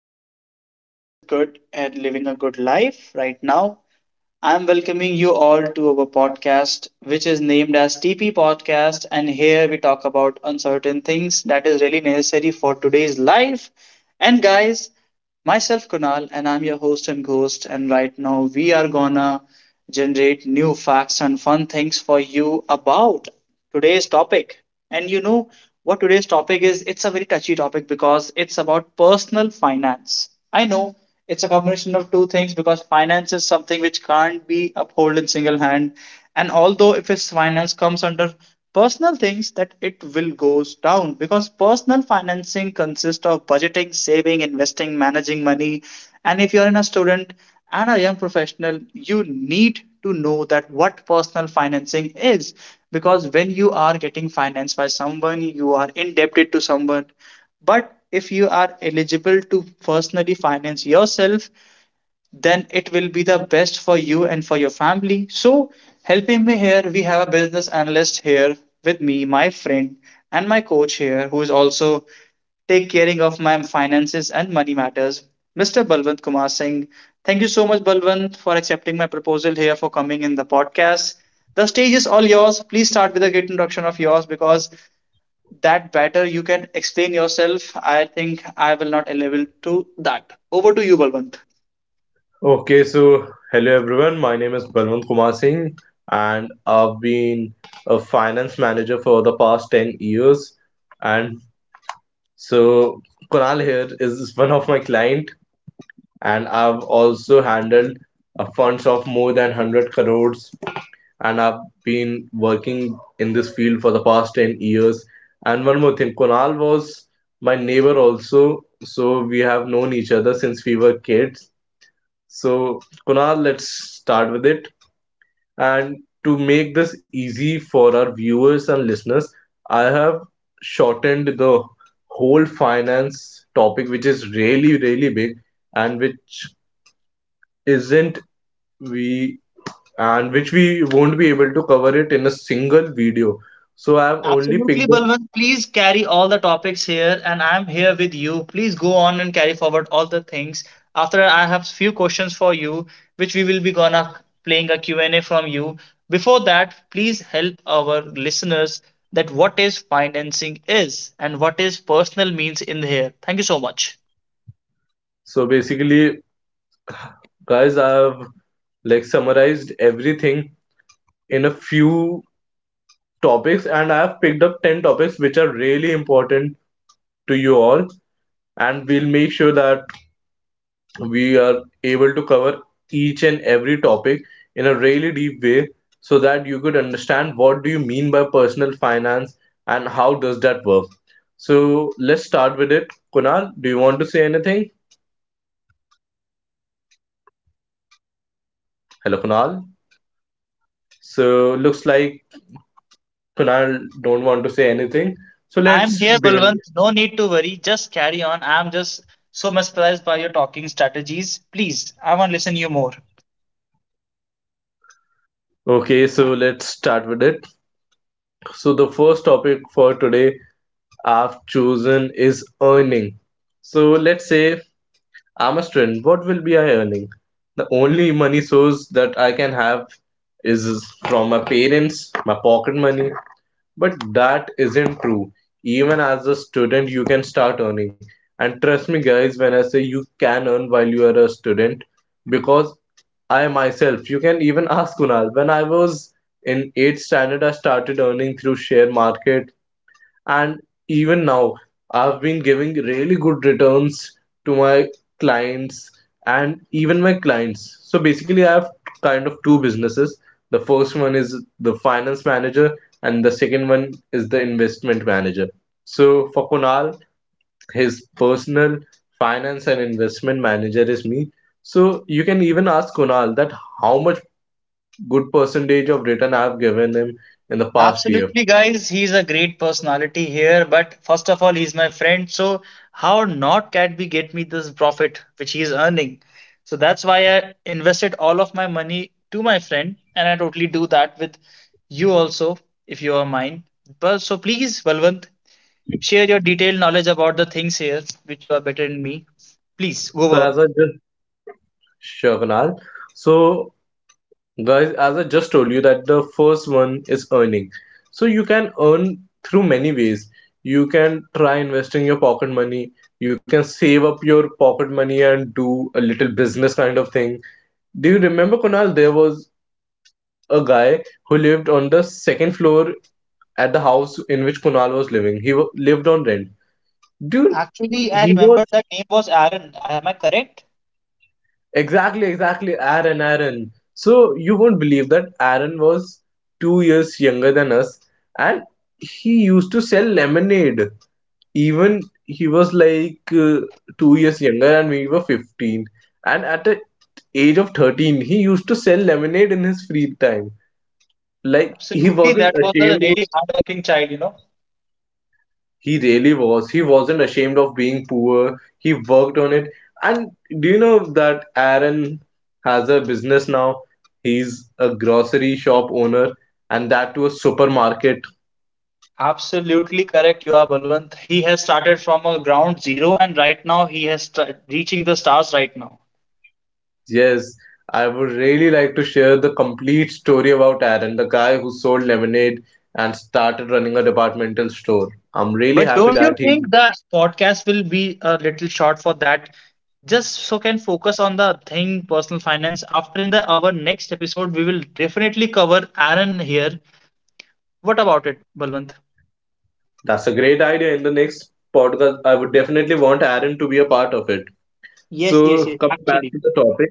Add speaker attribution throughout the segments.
Speaker 1: I hope everyone is good and living a good life right now. I'm welcoming you all to our podcast, which is named as TP Podcast. And here we talk about uncertain things that is really necessary for today's life. And guys, myself Kunal, and I'm your host and ghost. And right now we are gonna generate new facts and fun things for you about today's topic. And you know what today's topic is? It's a very touchy topic because it's about personal finance. I know it's a combination of two things because finance is something which can't be upheld in single hand, and although if his finance comes under personal things that it will goes down because personal financing consists of budgeting, saving, investing, managing money. And if you're in a student and a young professional, you need to know that what personal financing is, because when you are getting financed by someone you are indebted to someone, but if you are eligible to personally finance yourself, then it will be the best for you and for your family. So, helping me here, we have a business analyst here with me, my friend, and my coach here, who is also take caring of my finances and money matters, Mr. Balwant Kumar Singh. Thank you so much, Balwant, for accepting my proposal here for coming in the podcast. The stage is all yours. Please start with a great introduction of yours because that better you can explain yourself. I think I will not be able to that. Over to you, Balwant.
Speaker 2: Okay, so hello everyone. My name is Balwant Kumar Singh, and I've been a finance manager for the past 10 years. And so Kunal here is one of my client, and I've also handled funds of more than 100 crores. And I've been working in this field for the past 10 years. And one more thing, Kunal was my neighbor also, so we have known each other since we were kids, so Kunal, let's start with it. And to make this easy for our viewers and listeners, I have shortened the whole finance topic, which is really, really big, and which isn't we and which we won't be able to cover it in a single video. So, I have only
Speaker 1: Absolutely,
Speaker 2: picked up.
Speaker 1: Balwant. Please carry all the topics here, and I'm here with you. Please go on and carry forward all the things. After I have few questions for you, which we will be gonna playing a Q and a from you. Before that, please help our listeners that what is financing is and what is personal means in here. Thank you so much.
Speaker 2: So, basically, guys, I have like summarized everything in a few topics, and I have picked up 10 topics which are really important to you all, and we'll make sure that we are able to cover each and every topic in a really deep way so that you could understand what do you mean by personal finance and how does that work. So let's start with it. Kunal, do you want to say anything? Hello, Kunal. So looks like Kunal don't want to say anything. So
Speaker 1: I'm
Speaker 2: let's
Speaker 1: here,
Speaker 2: begin.
Speaker 1: Balwant. No need to worry. Just carry on. I'm just so mesmerized by your talking strategies. Please, I want to listen you more.
Speaker 2: Okay, so let's start with it. So the first topic for today I've chosen is earning. So let's say I'm a student. What will be I earning? The only money source that I can have is from my parents, my pocket money. But that isn't true. Even as a student, you can start earning. And trust me, guys, when I say you can earn while you are a student, because I myself, you can even ask Kunal, when I was in 8th standard, I started earning through share market. And even now, I've been giving really good returns to my clients. And even my clients, so basically I have kind of two businesses. The first one is the finance manager and the second one is the investment manager. So for Kunal, his personal finance and investment manager is me. So you can even ask Kunal that how much good percentage of return I've given him in the past year.
Speaker 1: Absolutely, guys. He's a great personality here, but first of all, he's my friend. So how not can we get me this profit which he is earning? So that's why I invested all of my money to my friend, and I totally do that with you also, if you are mine. But so please, Balwant, share your detailed knowledge about the things here which you are better than me. Please
Speaker 2: So
Speaker 1: go on.
Speaker 2: as I just Sure, Kunal. So, guys, as I just told you that the first one is earning. So you can earn through many ways. You can try investing your pocket money. You can save up your pocket money and do a little business kind of thing. Do you remember, Kunal? There was a guy who lived on the second floor at the house in which Kunal was living. He lived on rent. Dude,
Speaker 1: Actually, I
Speaker 2: he was
Speaker 1: remember that name was Aaron. Am I correct?
Speaker 2: Exactly, exactly. Aaron, Aaron. So you won't believe that Aaron was 2 years younger than us, and he used to sell lemonade. Even he was like 2 years younger, and we were 15. And at the age of 13, he used to sell lemonade in his free time. Like he
Speaker 1: Absolutely,
Speaker 2: wasn't
Speaker 1: that was a
Speaker 2: ashamed.
Speaker 1: really hardworking child, you know.
Speaker 2: He really was. He wasn't ashamed of being poor. He worked on it. And do you know that Aaron has a business now? He's a grocery shop owner, and that to a supermarket.
Speaker 1: Absolutely correct, you are Balwant. He has started from a ground zero, and right now he has reaching the stars right now.
Speaker 2: Yes, I would really like to share the complete story about Aaron, the guy who sold lemonade and started running a departmental store. I'm really
Speaker 1: But
Speaker 2: happy
Speaker 1: don't you
Speaker 2: that he.
Speaker 1: think the podcast will be a little short for that? Just so can focus on the thing, personal finance. After in the our next episode, we will definitely cover Aaron here. What about it, Balwant?
Speaker 2: That's a great idea. In the next podcast, I would definitely want Aaron to be a part of it.
Speaker 1: Yes, yes,
Speaker 2: So,
Speaker 1: yes.
Speaker 2: come back
Speaker 1: Actually,
Speaker 2: to the topic.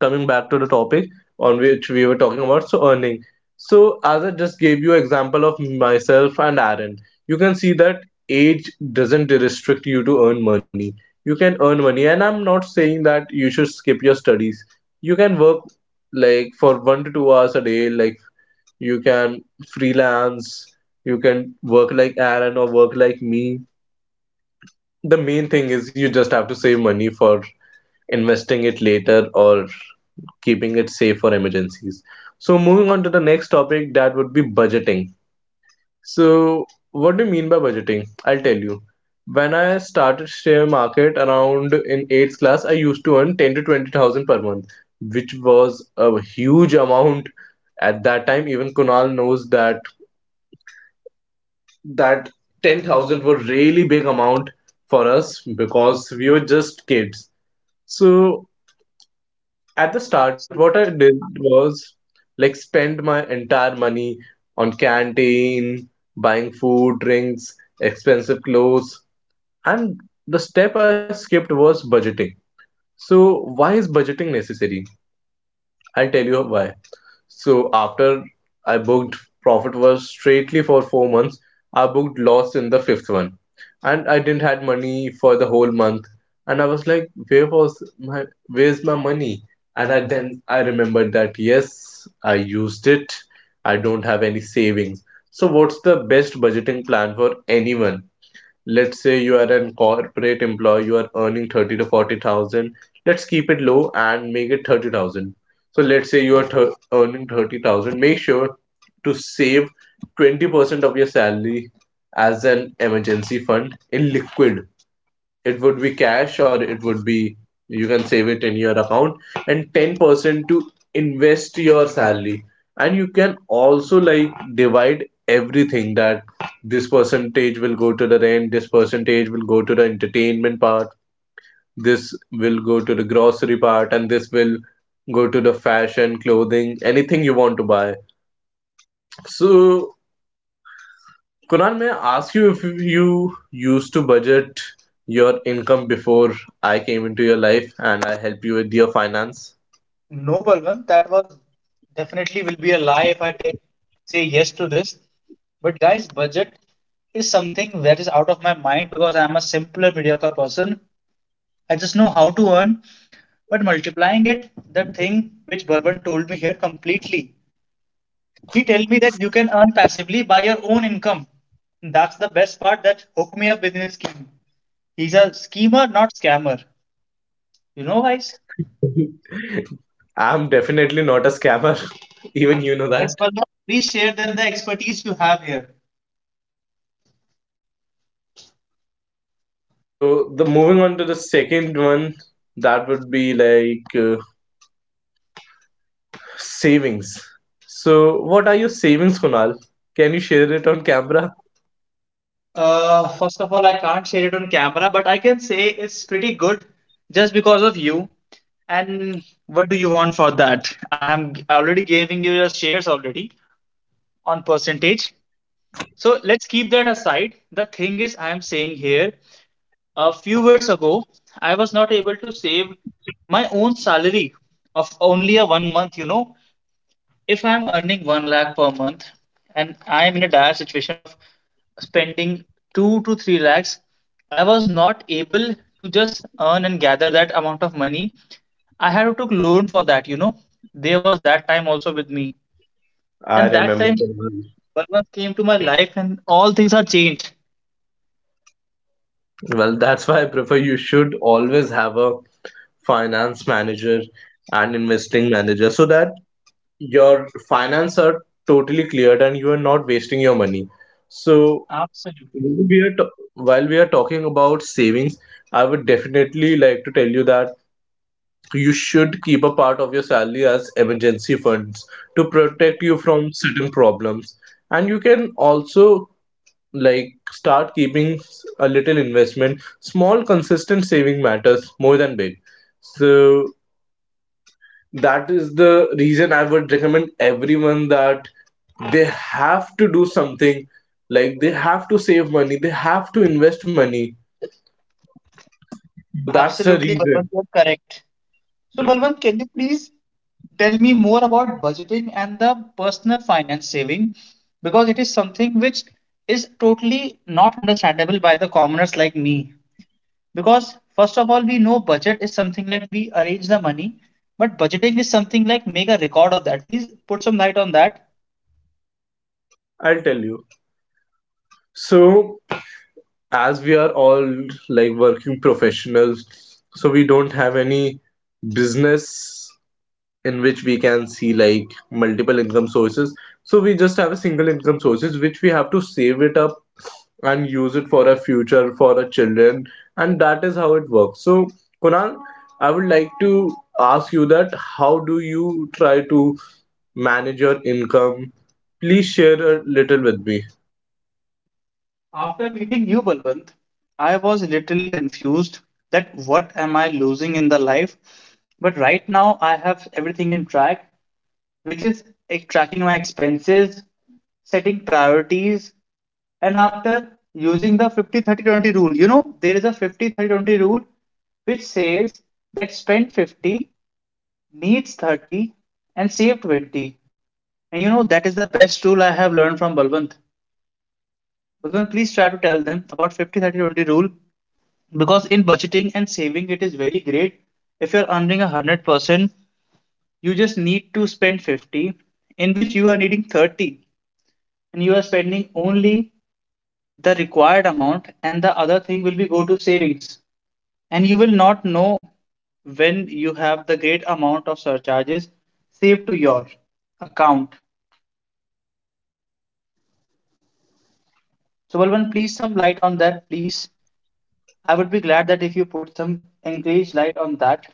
Speaker 2: Coming back to the topic on which we were talking about, so earning. So as I just gave you example of myself and Aaron, you can see that age doesn't restrict you to earn money. You can earn money, and I'm not saying that you should skip your studies. You can work like for 1 to 2 hours a day, like, you can freelance, you can work like Aaron or work like me. The main thing is you just have to save money for investing it later or keeping it safe for emergencies. So moving on to the next topic, that would be budgeting. So what do you mean by budgeting? I'll tell you. When I started share market around in eighth class, I used to earn ten to twenty thousand per month, which was a huge amount at that time. Even Kunal knows that 10,000 were really big amount for us because we were just kids. So at the start, what
Speaker 1: absolutely.
Speaker 2: I did was like spend my entire money on canteen, buying food, drinks, expensive clothes, and the step I skipped was budgeting. So, why is budgeting necessary? I'll tell you why. So after I booked profit was straightly for 4 months, I booked loss in the fifth one, and I didn't had money for the whole month. And I was like, where's my money? And then I remembered that yes, I used it. I don't have any savings. So what's the best budgeting plan for anyone? Let's say you are an corporate employee, you are earning 30 to 40,000. Let's keep it low and make it 30,000. So let's say you are earning 30,000. Make sure to save 20% of your salary as an emergency fund in liquid. It would be cash, or it would be, you can save it in your account, and 10% to invest your salary. And you can also like divide everything, that this percentage will go to the rent, this percentage will go to the entertainment part, this will go to the grocery part, and this will go to the fashion clothing, anything you want to buy. So Kunal, may I ask you if you used to budget your income before I came into your life and I help you with your finance?
Speaker 1: No, Balwant, that was definitely will be a lie if I take say yes to this. But guys, budget is something that is out of my mind because I am a simpler, mediocre person. I just know how to earn, but multiplying it, the thing which Bourbon told me here completely. He told me that you can earn passively by your own income. That's the best part that hooked me up within his scheme. He's a schemer, not scammer. You know, guys?
Speaker 2: I'm definitely not a scammer. Even you know
Speaker 1: Yes,
Speaker 2: that.
Speaker 1: Balban, please share then the expertise you have here.
Speaker 2: So the moving on to the second one, that would be like savings. So what are your savings, Kunal? Can you share it on camera?
Speaker 1: First of all, I can't share it on camera, but I can say it's pretty good just because of you. And what do you want for that? I am already giving you your shares already on percentage. So let's keep that aside. The thing is, I am saying here, a few years ago, I was not able to save my own salary of only a 1 month, you know, if I'm earning 1 lakh per month and I am in a dire situation of spending 2 to 3 lakhs, I was not able to just earn and gather that amount of money. I had to took loan for that, you know. There was that time also with me.
Speaker 2: I
Speaker 1: And that
Speaker 2: remember,
Speaker 1: time
Speaker 2: Kunal.
Speaker 1: Balwant came to my life and all things are changed.
Speaker 2: Well, that's why I prefer you should always have a finance manager and investing manager so that your finance are totally cleared and you are not wasting your money. So
Speaker 1: Absolutely.
Speaker 2: while we are talking about savings, I would definitely like to tell you that you should keep a part of your salary as emergency funds to protect you from certain problems. And you can also like start keeping a little investment. Small consistent saving matters more than big. So that is the reason I would recommend everyone that they have to do something, like they have to save money, they have to invest money. That's the
Speaker 1: Absolutely,
Speaker 2: reason.
Speaker 1: Balwant, you're correct. So, Balwant, can you please tell me more about budgeting and the personal finance saving? Because it is something which is totally not understandable by the commoners like me. Because, first of all, we know budget is something like we arrange the money, but budgeting is something like make a record of that. Please put some light on that.
Speaker 2: I'll tell you. So, as we are all like working professionals, so we don't have any business in which we can see like multiple income sources. So, we just have a single income sources which we have to save it up and use it for a future for the children, and that is how it works. So Kunal, I would like to ask you that how do you try to manage your income. Please share a little with me.
Speaker 1: After meeting you, Balwant, I was literally confused that what am I losing in the life? But right now, I have everything in track, which is like, tracking my expenses, setting priorities, and after using the 50/30/20 rule. You know, there is a 50/30/20 rule which says that spend 50, needs 30, and save 20. And you know, that is the best rule I have learned from Balwant. Balwant, please try to tell them about 50/30/20 rule because in budgeting and saving, it is very great. If you're earning 100%, you just need to spend 50, in which you are needing 30 and you are spending only the required amount, and the other thing will be go to savings. And you will not know when you have the great amount of surcharges saved to your account. So Balwant, please some light on that, please. I would be glad that if you put some engaged light on that.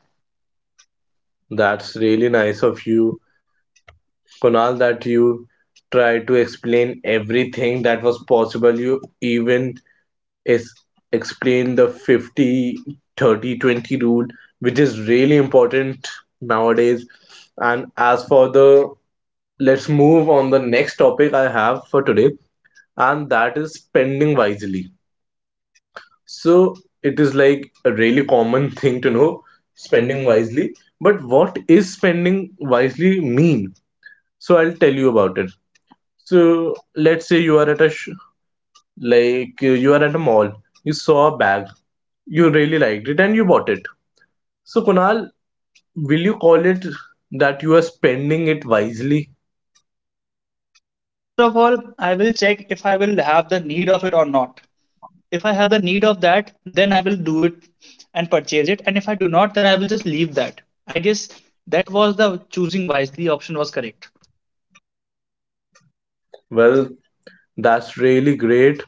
Speaker 2: That's really nice of you, Kunal, that you try to explain everything that was possible. You even is explain the 50, 30, 20 rule, which is really important nowadays. And as for the Let's move on the next topic I have for today, and that is spending wisely. So it is like a really common thing to know, spending wisely. But what is spending wisely mean? So I'll tell you about it. So let's say you are at a sh- like you are at a mall. You saw a bag, you really liked it, and you bought it. So Kunal, will you call it that you are spending it wisely?
Speaker 1: First of all, I will check if I will have the need of it or not. If I have the need of that, then I will do it and purchase it, and if I do not, then I will just leave that. I guess that was the choosing wisely option was correct.
Speaker 2: Well, that's really great.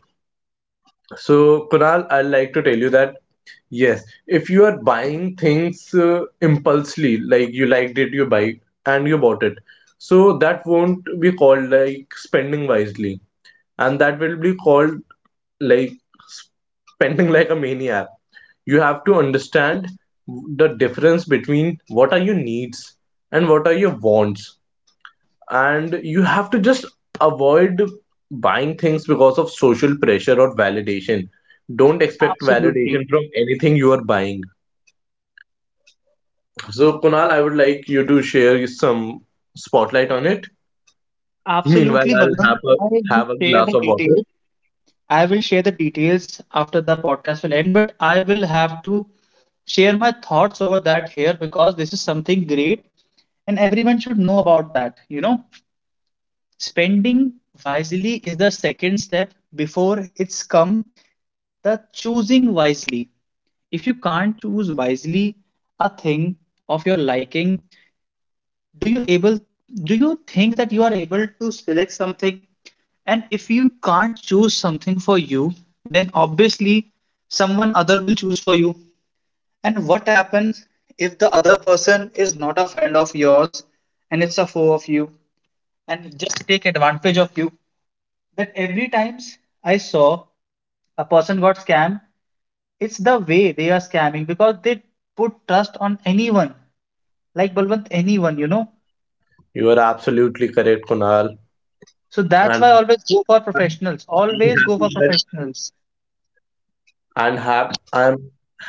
Speaker 2: So, Kunal, I'd like to tell you that yes, if you are buying things impulsively, like you liked it, you buy and you bought it, so that won't be called like spending wisely, and that will be called like spending like a maniac. You have to
Speaker 1: Absolutely,
Speaker 2: understand the difference between what are your needs and what are your wants, and you have to just avoid buying things because of social pressure or validation. Don't expect
Speaker 1: absolutely,
Speaker 2: validation from anything you are buying. So Kunal, I would like you to share some spotlight on it. Meanwhile,
Speaker 1: absolutely,
Speaker 2: I'll
Speaker 1: Balwant.
Speaker 2: have a
Speaker 1: I will
Speaker 2: have a
Speaker 1: share
Speaker 2: glass
Speaker 1: the
Speaker 2: of water.
Speaker 1: details. I will share the details after the podcast will end, but I will have to share my thoughts over that here because this is something great and everyone should know about that. You know, spending wisely is the second step. Before it's come the choosing wisely, if you can't choose wisely a thing of your liking, do you able, do you think that you are able to select something? And if you can't choose something for you, then obviously someone other will choose for you. And what happens if the other person is not a friend of yours and it's a foe of you and just take advantage of you? That every times I saw a person got scammed, it's the way they are scamming because they put trust on anyone, like Balwant, anyone, you know.
Speaker 2: You are absolutely correct, Kunal.
Speaker 1: So that's
Speaker 2: And
Speaker 1: why I always go for professionals,
Speaker 2: i'm
Speaker 1: always go
Speaker 2: happy
Speaker 1: for
Speaker 2: that
Speaker 1: professionals.
Speaker 2: I'm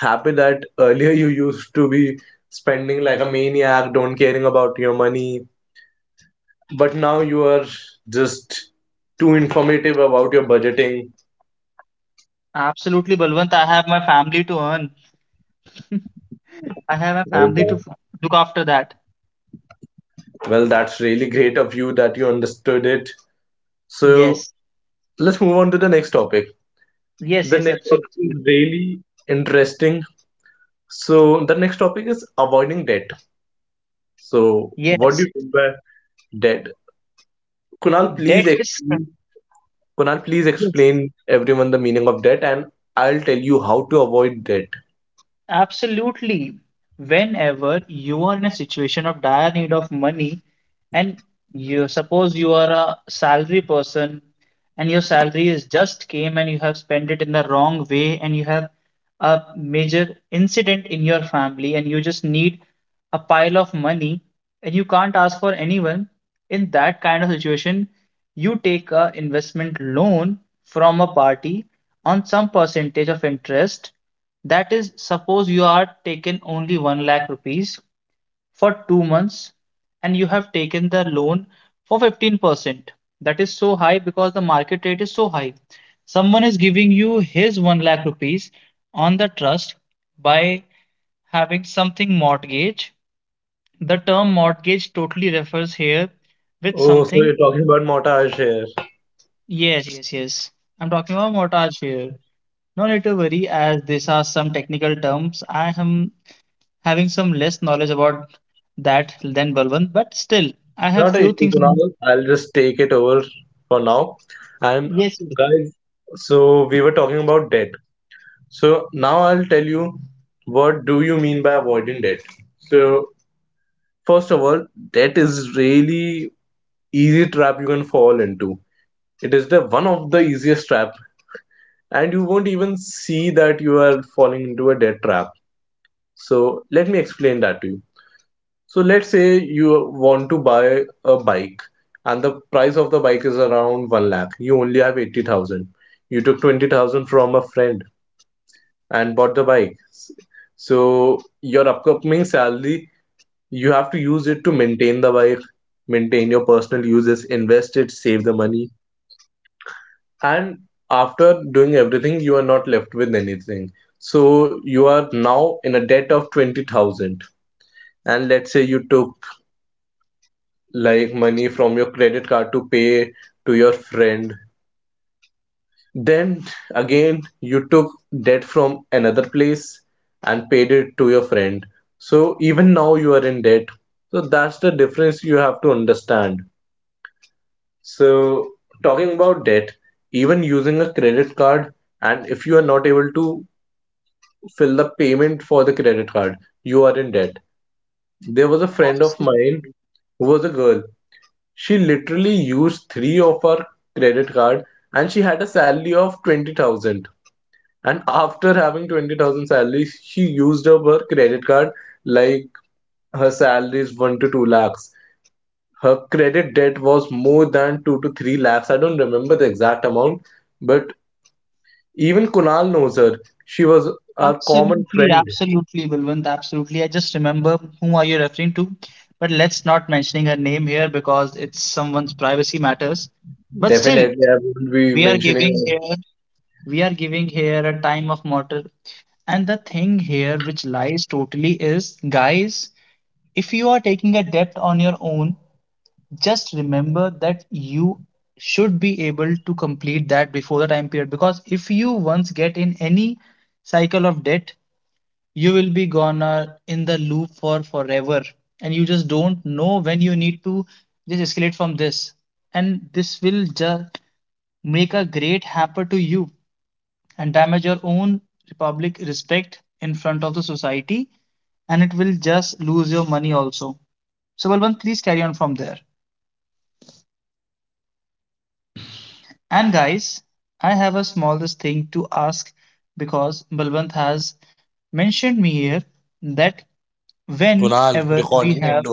Speaker 2: happy that earlier you used to be spending like a maniac, don't caring about your money. But now you are just too informative about your budgeting.
Speaker 1: Absolutely, Balwant, I have my family to earn, I have my family to look after that.
Speaker 2: Well, that's really great of you that you understood it. So
Speaker 1: Yes,
Speaker 2: let's move on to the next topic.
Speaker 1: yes,
Speaker 2: The
Speaker 1: yes,
Speaker 2: next topic
Speaker 1: absolutely.
Speaker 2: is really interesting. So the next topic is avoiding debt. So what do
Speaker 1: Yes,
Speaker 2: you mean by debt? Kunal, please
Speaker 1: debt is,
Speaker 2: explain. Kunal, please
Speaker 1: yes.
Speaker 2: explain everyone the meaning of debt, and I'll tell you how to avoid debt.
Speaker 1: Absolutely. Whenever you are in a situation of dire need of money, and you suppose you are a salary person and your salary is just came and you have spent it in the wrong way, and you have a major incident in your family and you just need a pile of money and you can't ask for anyone. In that kind of situation, you take a investment loan from a party on some percentage of interest. That is, suppose you are taken only 1 lakh rupees for 2 months and you have taken the loan for 15%. That is so high because the market rate is so high. Someone is giving you his 1 lakh rupees on the trust by having something mortgage. The term mortgage totally refers here with
Speaker 2: Oh, so you're
Speaker 1: something.
Speaker 2: talking about Montage here.
Speaker 1: Yes, yes, yes. I'm talking about mortgage here. No need to worry, as these are some technical terms. I am having some less knowledge about that than Balwant, but still, I have
Speaker 2: Not an
Speaker 1: few
Speaker 2: issue,
Speaker 1: things.
Speaker 2: Kunal. I'll just take it over for now. And
Speaker 1: Yes, yes,
Speaker 2: guys, so we were talking about debt. So now I'll tell you what do you mean by avoiding debt. So first of all, debt is really easy trap you can fall into. It is the one of the easiest trap, and you won't even see that you are falling into a debt trap. So let me explain that to you. So let's say you want to buy a bike and the price of the bike is around 1 lakh. You only have 80,000. You took 20,000 from a friend and bought the bike. So your upcoming salary, you have to use it to maintain the bike, maintain your personal uses, invest it, save the money. And after doing everything, you are not left with anything. So you are now in a debt of 20,000. And let's say you took like money from your credit card to pay to your friend. Then again, you took debt from another place and paid it to your friend. So even now you are in debt. So that's the difference you have to understand. So talking about debt, even using a credit card, and if you are not able to fill the payment for the credit card, you are in debt. There was a friend of
Speaker 1: absolutely,
Speaker 2: mine who was a girl. She literally used three of her credit card and she had a salary of 20,000. And after having 20,000 salary, she used up her credit card like her salary is 1 to 2 lakhs. Her credit debt was more than 2 to 3 lakhs. I don't remember the exact amount, but even Kunal knows her. She was our common
Speaker 1: absolutely,
Speaker 2: friend.
Speaker 1: absolutely, Balwant, absolutely. I just remember whom are you referring to, but let's not mentioning her name here because it's someone's privacy matters. But still,
Speaker 2: Definitely, I won't be
Speaker 1: we are
Speaker 2: mentioning.
Speaker 1: giving here, we are giving here a time of mortar. And the thing here which lies totally is, guys, if you are taking a debt on your own, just remember that you should be able to complete that before the time period. Because if you once get in any cycle of debt, you will be gonna in the loop for forever, and you just don't know when you need to just escalate from this. And this will just make a great hamper to you and damage your own public respect in front of the society, and it will just lose your money also. So Balwant, please carry on from there. And guys, I have a smallest thing to ask because Balwant has mentioned me here that whenever we have…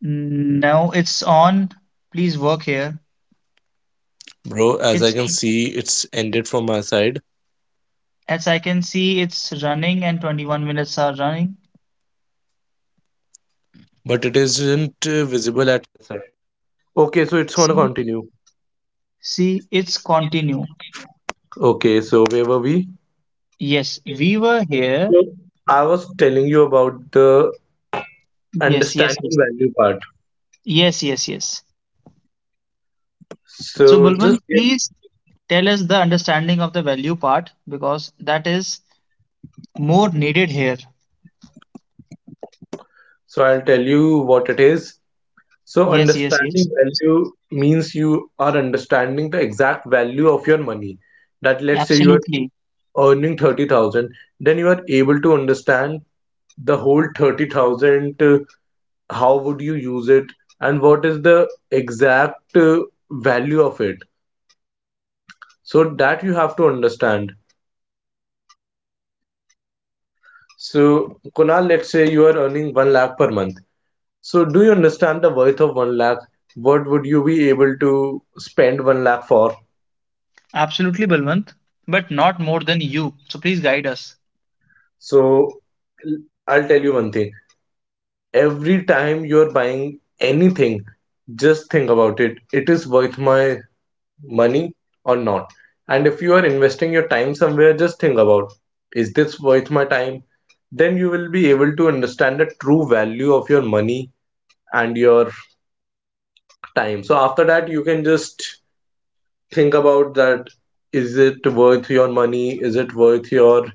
Speaker 1: No, it's on. Please work here. It's… as I can see, it's running and 21 minutes are running. See, see, it's continue.
Speaker 2: Okay, so where were we?
Speaker 1: Yes, we were here.
Speaker 2: So I was telling you about the
Speaker 1: Yes, yes,
Speaker 2: understanding
Speaker 1: yes,
Speaker 2: value part.
Speaker 1: yes, yes, yes. So,
Speaker 2: So
Speaker 1: Balwant,
Speaker 2: just give,
Speaker 1: please tell us the understanding of the value part because that is more needed here.
Speaker 2: so I'll tell you what it is. So
Speaker 1: Yes, yes,
Speaker 2: understanding
Speaker 1: yes.
Speaker 2: value means you are understanding the exact value of your money. That let's say you are
Speaker 1: Absolutely.
Speaker 2: earning 30,000, then you are able to understand the whole 30,000, how would you use it and what is the exact value of it. So that you have to understand. So, Kunal, let's say you are earning 1 lakh per month. So, do you understand the worth of 1 lakh? What would you be able to spend 1 lakh for?
Speaker 1: Absolutely, Balwant, but not more than you. So, please guide us.
Speaker 2: So, l- I'll tell you one thing. Every time you are buying anything, just think about it. It is worth my money or not. And if you are investing your time somewhere, just think about is this worth my time? Then you will be able to understand the true value of your money and your time. So after that, you can just think about that is it worth your money? Is it worth your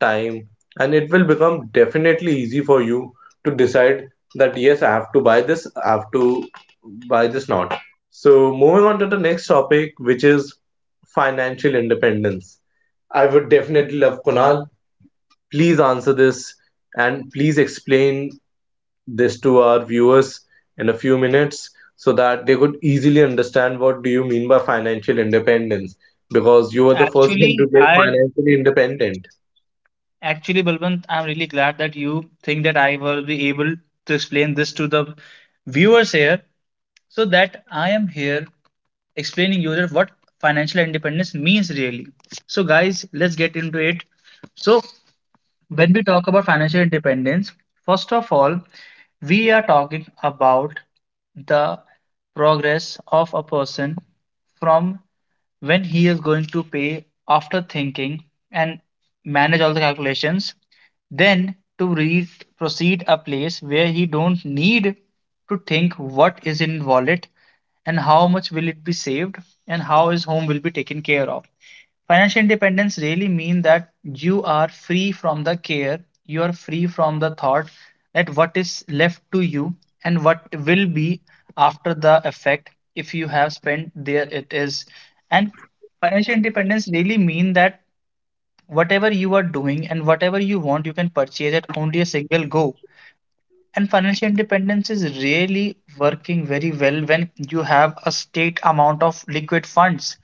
Speaker 2: time? And it will become definitely easy for you to decide that yes, I have to buy this, I have to buy this not. So moving on to the next topic, which is financial independence. I would definitely love Kunal. Please answer this and please explain this to our viewers in a few minutes so that they could easily understand what do you mean by financial independence because you were the first one
Speaker 1: Actually,
Speaker 2: to get
Speaker 1: I
Speaker 2: financially independent.
Speaker 1: Actually, Balwant, I'm really glad that you think that I will be able to explain this to the viewers here, so that I am here explaining you that what financial independence means really. So, guys, let's get into it. So, when we talk about financial independence, first of all, we are talking about the progress of a person from when he is going to pay after thinking and manage all the calculations, then to proceed a place where he don't need to think what is in wallet and how much will it be saved and how his home will be taken care of. Financial independence really mean that you are free from the care, you are free from the thought that what is left to you and what will be after the effect if you have spent there it is. And financial independence really mean that whatever you are doing and whatever you want, you can purchase at only a single go. And financial independence is really working very well when you have a state amount of liquid funds.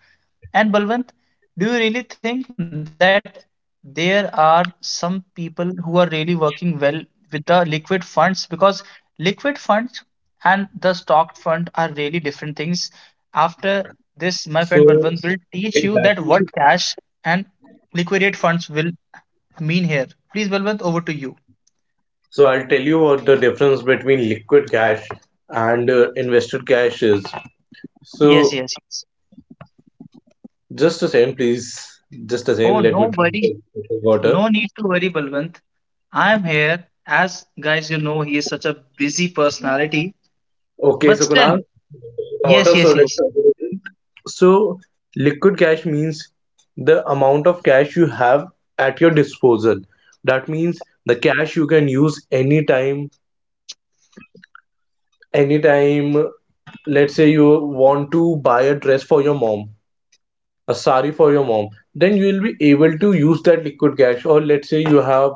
Speaker 1: And Balwant, do you really think that there are some people who are really working well with the liquid funds? Because liquid funds and the stock fund are really different things. After this, my friend
Speaker 2: So
Speaker 1: Balwant will teach you that what
Speaker 2: exactly.
Speaker 1: cash and liquidate funds will mean here. Please, Balwant, over to you.
Speaker 2: So I'll tell you what the difference between liquid cash and invested cash is.
Speaker 1: Yes,
Speaker 2: So
Speaker 1: yes, yes.
Speaker 2: just a second, please. Just a
Speaker 1: Oh,
Speaker 2: second. Let me drink
Speaker 1: nobody.
Speaker 2: a bit of water.
Speaker 1: No need to worry, Balwant. I am here. As guys, you know, he is such a busy personality,
Speaker 2: Okay,
Speaker 1: but
Speaker 2: so
Speaker 1: still,
Speaker 2: Kunal,
Speaker 1: yes,
Speaker 2: water. So
Speaker 1: yes,
Speaker 2: let's
Speaker 1: yes,
Speaker 2: talk So liquid cash means the amount of cash you have at your disposal. That means the cash you can use anytime. Anytime, let's say you want to buy a dress for your mom, a sari for your mom, then you will be able to use that liquid cash. Or let's say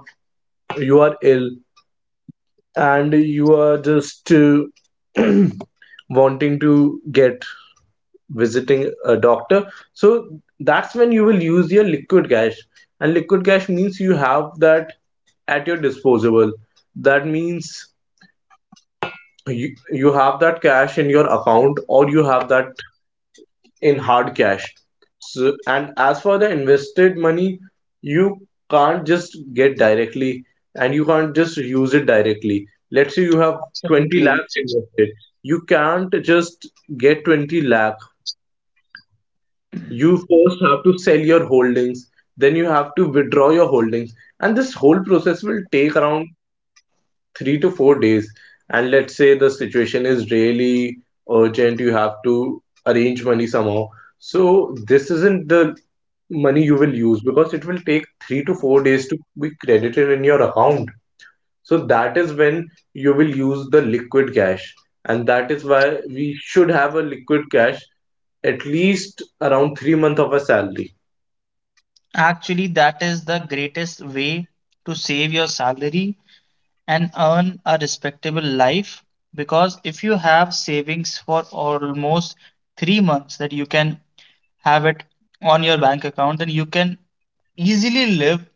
Speaker 2: you are ill and you are just wanting to get visiting a doctor, so that's when you will use your liquid cash. And liquid cash means you have that at your disposable. That means you have that cash in your account or you have that in hard cash. So and as for the invested money, you can't just get directly and you can't just use it directly. Let's say you have 20
Speaker 1: absolutely.
Speaker 2: lakhs invested. You can't just get 20 lakh. You first have to sell your holdings, then you have to withdraw your holdings, and this whole process will take around 3 to 4 days. And let's say the situation is really urgent, you have to arrange money somehow. So this isn't the money you will use because it will take 3 to 4 days to be credited in your account. So that is when you will use the liquid cash, and that is why we should have a liquid cash at least around 3 months of a salary.
Speaker 1: Actually, that is the greatest way to save your salary and earn a respectable life. Because if you have savings for almost 3 months that you can have it on your bank account, then you can easily live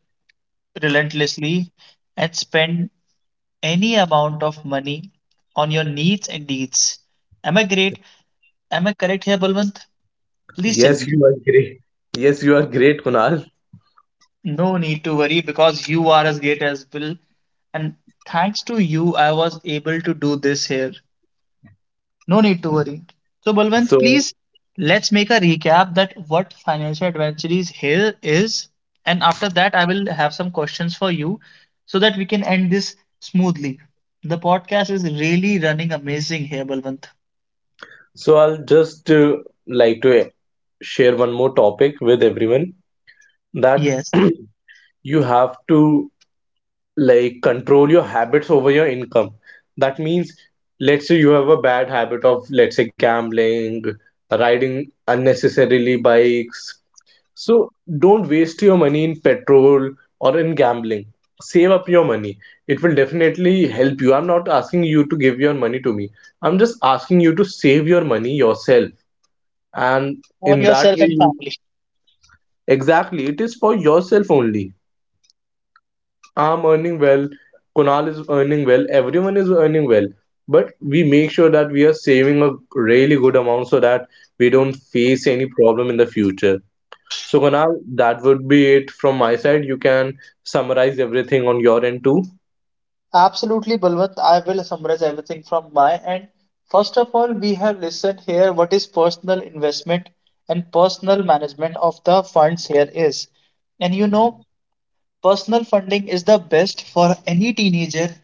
Speaker 1: relentlessly and spend any amount of money on your needs and deeds. Am I great? Am I correct here, Balwant? Please tell
Speaker 2: Yes,
Speaker 1: me.
Speaker 2: you are great. Yes, you are great, Kunal.
Speaker 1: No need to worry because you are as great as Bill, and thanks to you, I was able to do this here. No need to worry. So, Balwant,
Speaker 2: So,
Speaker 1: please let's make a recap that what financial advisories here is, and after that, I will have some questions for you so that we can end this smoothly. The podcast is really running amazing here, Balwant.
Speaker 2: so I'll just like to share one more topic with everyone that
Speaker 1: Yes.
Speaker 2: you have to like control your habits over your income. That means, let's say you have a bad habit of, let's say, gambling, riding unnecessarily bikes. So don't waste your money in petrol or in gambling. Save up your money. It will definitely help you. I'm not asking you to give your money to me. I'm just asking you to save your money yourself. And
Speaker 1: For
Speaker 2: in that
Speaker 1: yourself
Speaker 2: way,
Speaker 1: and
Speaker 2: you.
Speaker 1: family.
Speaker 2: Exactly, it is for yourself only. I'm earning well, Kunal is earning well, everyone is earning well. But we make sure that we are saving a really good amount so that we don't face any problem in the future. So, Kunal, that would be it from my side. You can summarize everything on your end too.
Speaker 1: Absolutely, Balwant. I will summarize everything from my end. First of all, we have listened here what is personal investment and personal management of the funds here is. And you know, personal funding is the best for any teenager,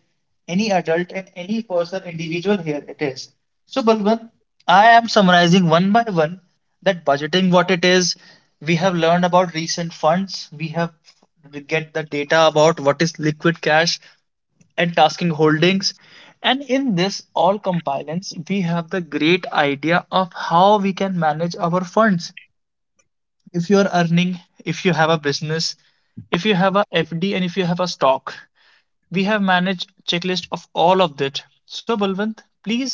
Speaker 1: any adult, and any person individual here it is. So, Balwant, I am summarizing one by one that budgeting what it is. We have learned about recent funds. We have get the data about what is liquid cash and tasking holdings. And in this all compilance, we have the great idea of how we can manage our funds if you are earning, if you have a business, if you have a FD, and if you have a stock. We have managed checklist of all of that. So Balwant, please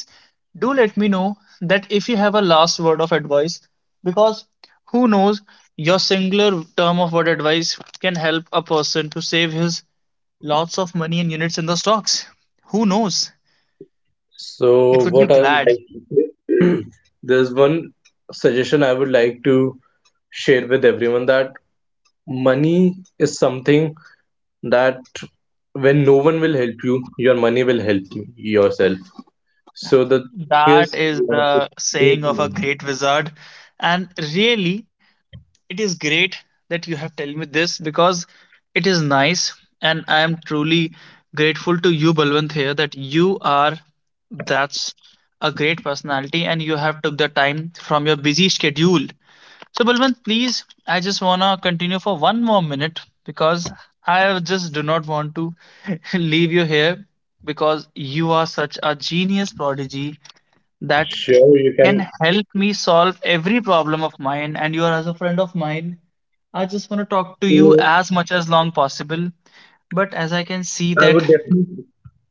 Speaker 1: do let me know that if you have a last word of advice, because who knows, your singular term of word advice can help a person to save his lots of money and units in the stocks. Who knows?
Speaker 2: So,
Speaker 1: It would be
Speaker 2: what I would
Speaker 1: glad.
Speaker 2: like to say, there's one suggestion I would like to share with everyone that money is something that when no one will help you, your money will help you yourself. So, the thing
Speaker 1: That
Speaker 2: is,
Speaker 1: is
Speaker 2: you have to
Speaker 1: the
Speaker 2: save
Speaker 1: saying of a
Speaker 2: money.
Speaker 1: great wizard. And really, it is great that you have told me this because it is nice, and I am truly grateful to you Balwant here that you are… That's a great personality and you have took the time from your busy schedule. So Balwant, please, I just wanna continue for one more minute because I just do not want to leave you here because you are such a genius prodigy that
Speaker 2: Sure, you
Speaker 1: can help me solve every problem of mine, and you are as a friend of mine. I just want to talk to you
Speaker 2: can
Speaker 1: as much as long possible, but as I can see
Speaker 2: I
Speaker 1: that…
Speaker 2: would definitely,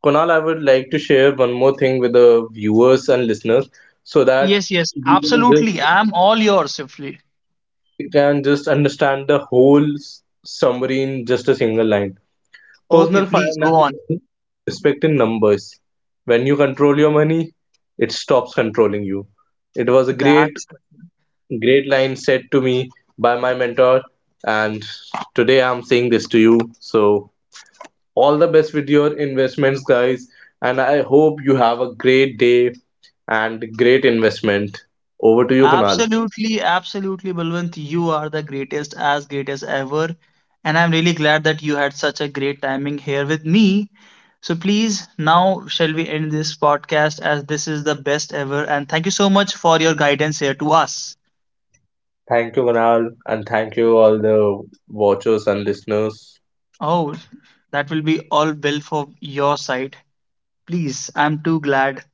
Speaker 2: Kunal, I would like to share one more thing with the viewers and listeners so that
Speaker 1: yes, yes,
Speaker 2: we can
Speaker 1: absolutely,
Speaker 2: just,
Speaker 1: I'm all yours, Shifley.
Speaker 2: we can just understand the whole summary in just a single line.
Speaker 1: Okay,
Speaker 2: Personal
Speaker 1: please go
Speaker 2: finance,
Speaker 1: on.
Speaker 2: is respect in numbers. When you control your money, it stops controlling you. It was a great,
Speaker 1: That's…
Speaker 2: great line said to me by my mentor, and today I'm saying this to you. So all the best with your investments, guys. And I hope you have a great day and great investment. Over to you, Kunal.
Speaker 1: Absolutely, absolutely, Balwant. You are the greatest, as great as ever. And I'm really glad that you had such a great timing here with me. So please, now shall we end this podcast as this is the best ever. And thank you so much for your guidance here to us.
Speaker 2: Thank you, Kunal. And thank you, all the watchers and listeners.
Speaker 1: Oh, that will be all well for your side. Please, I'm too glad.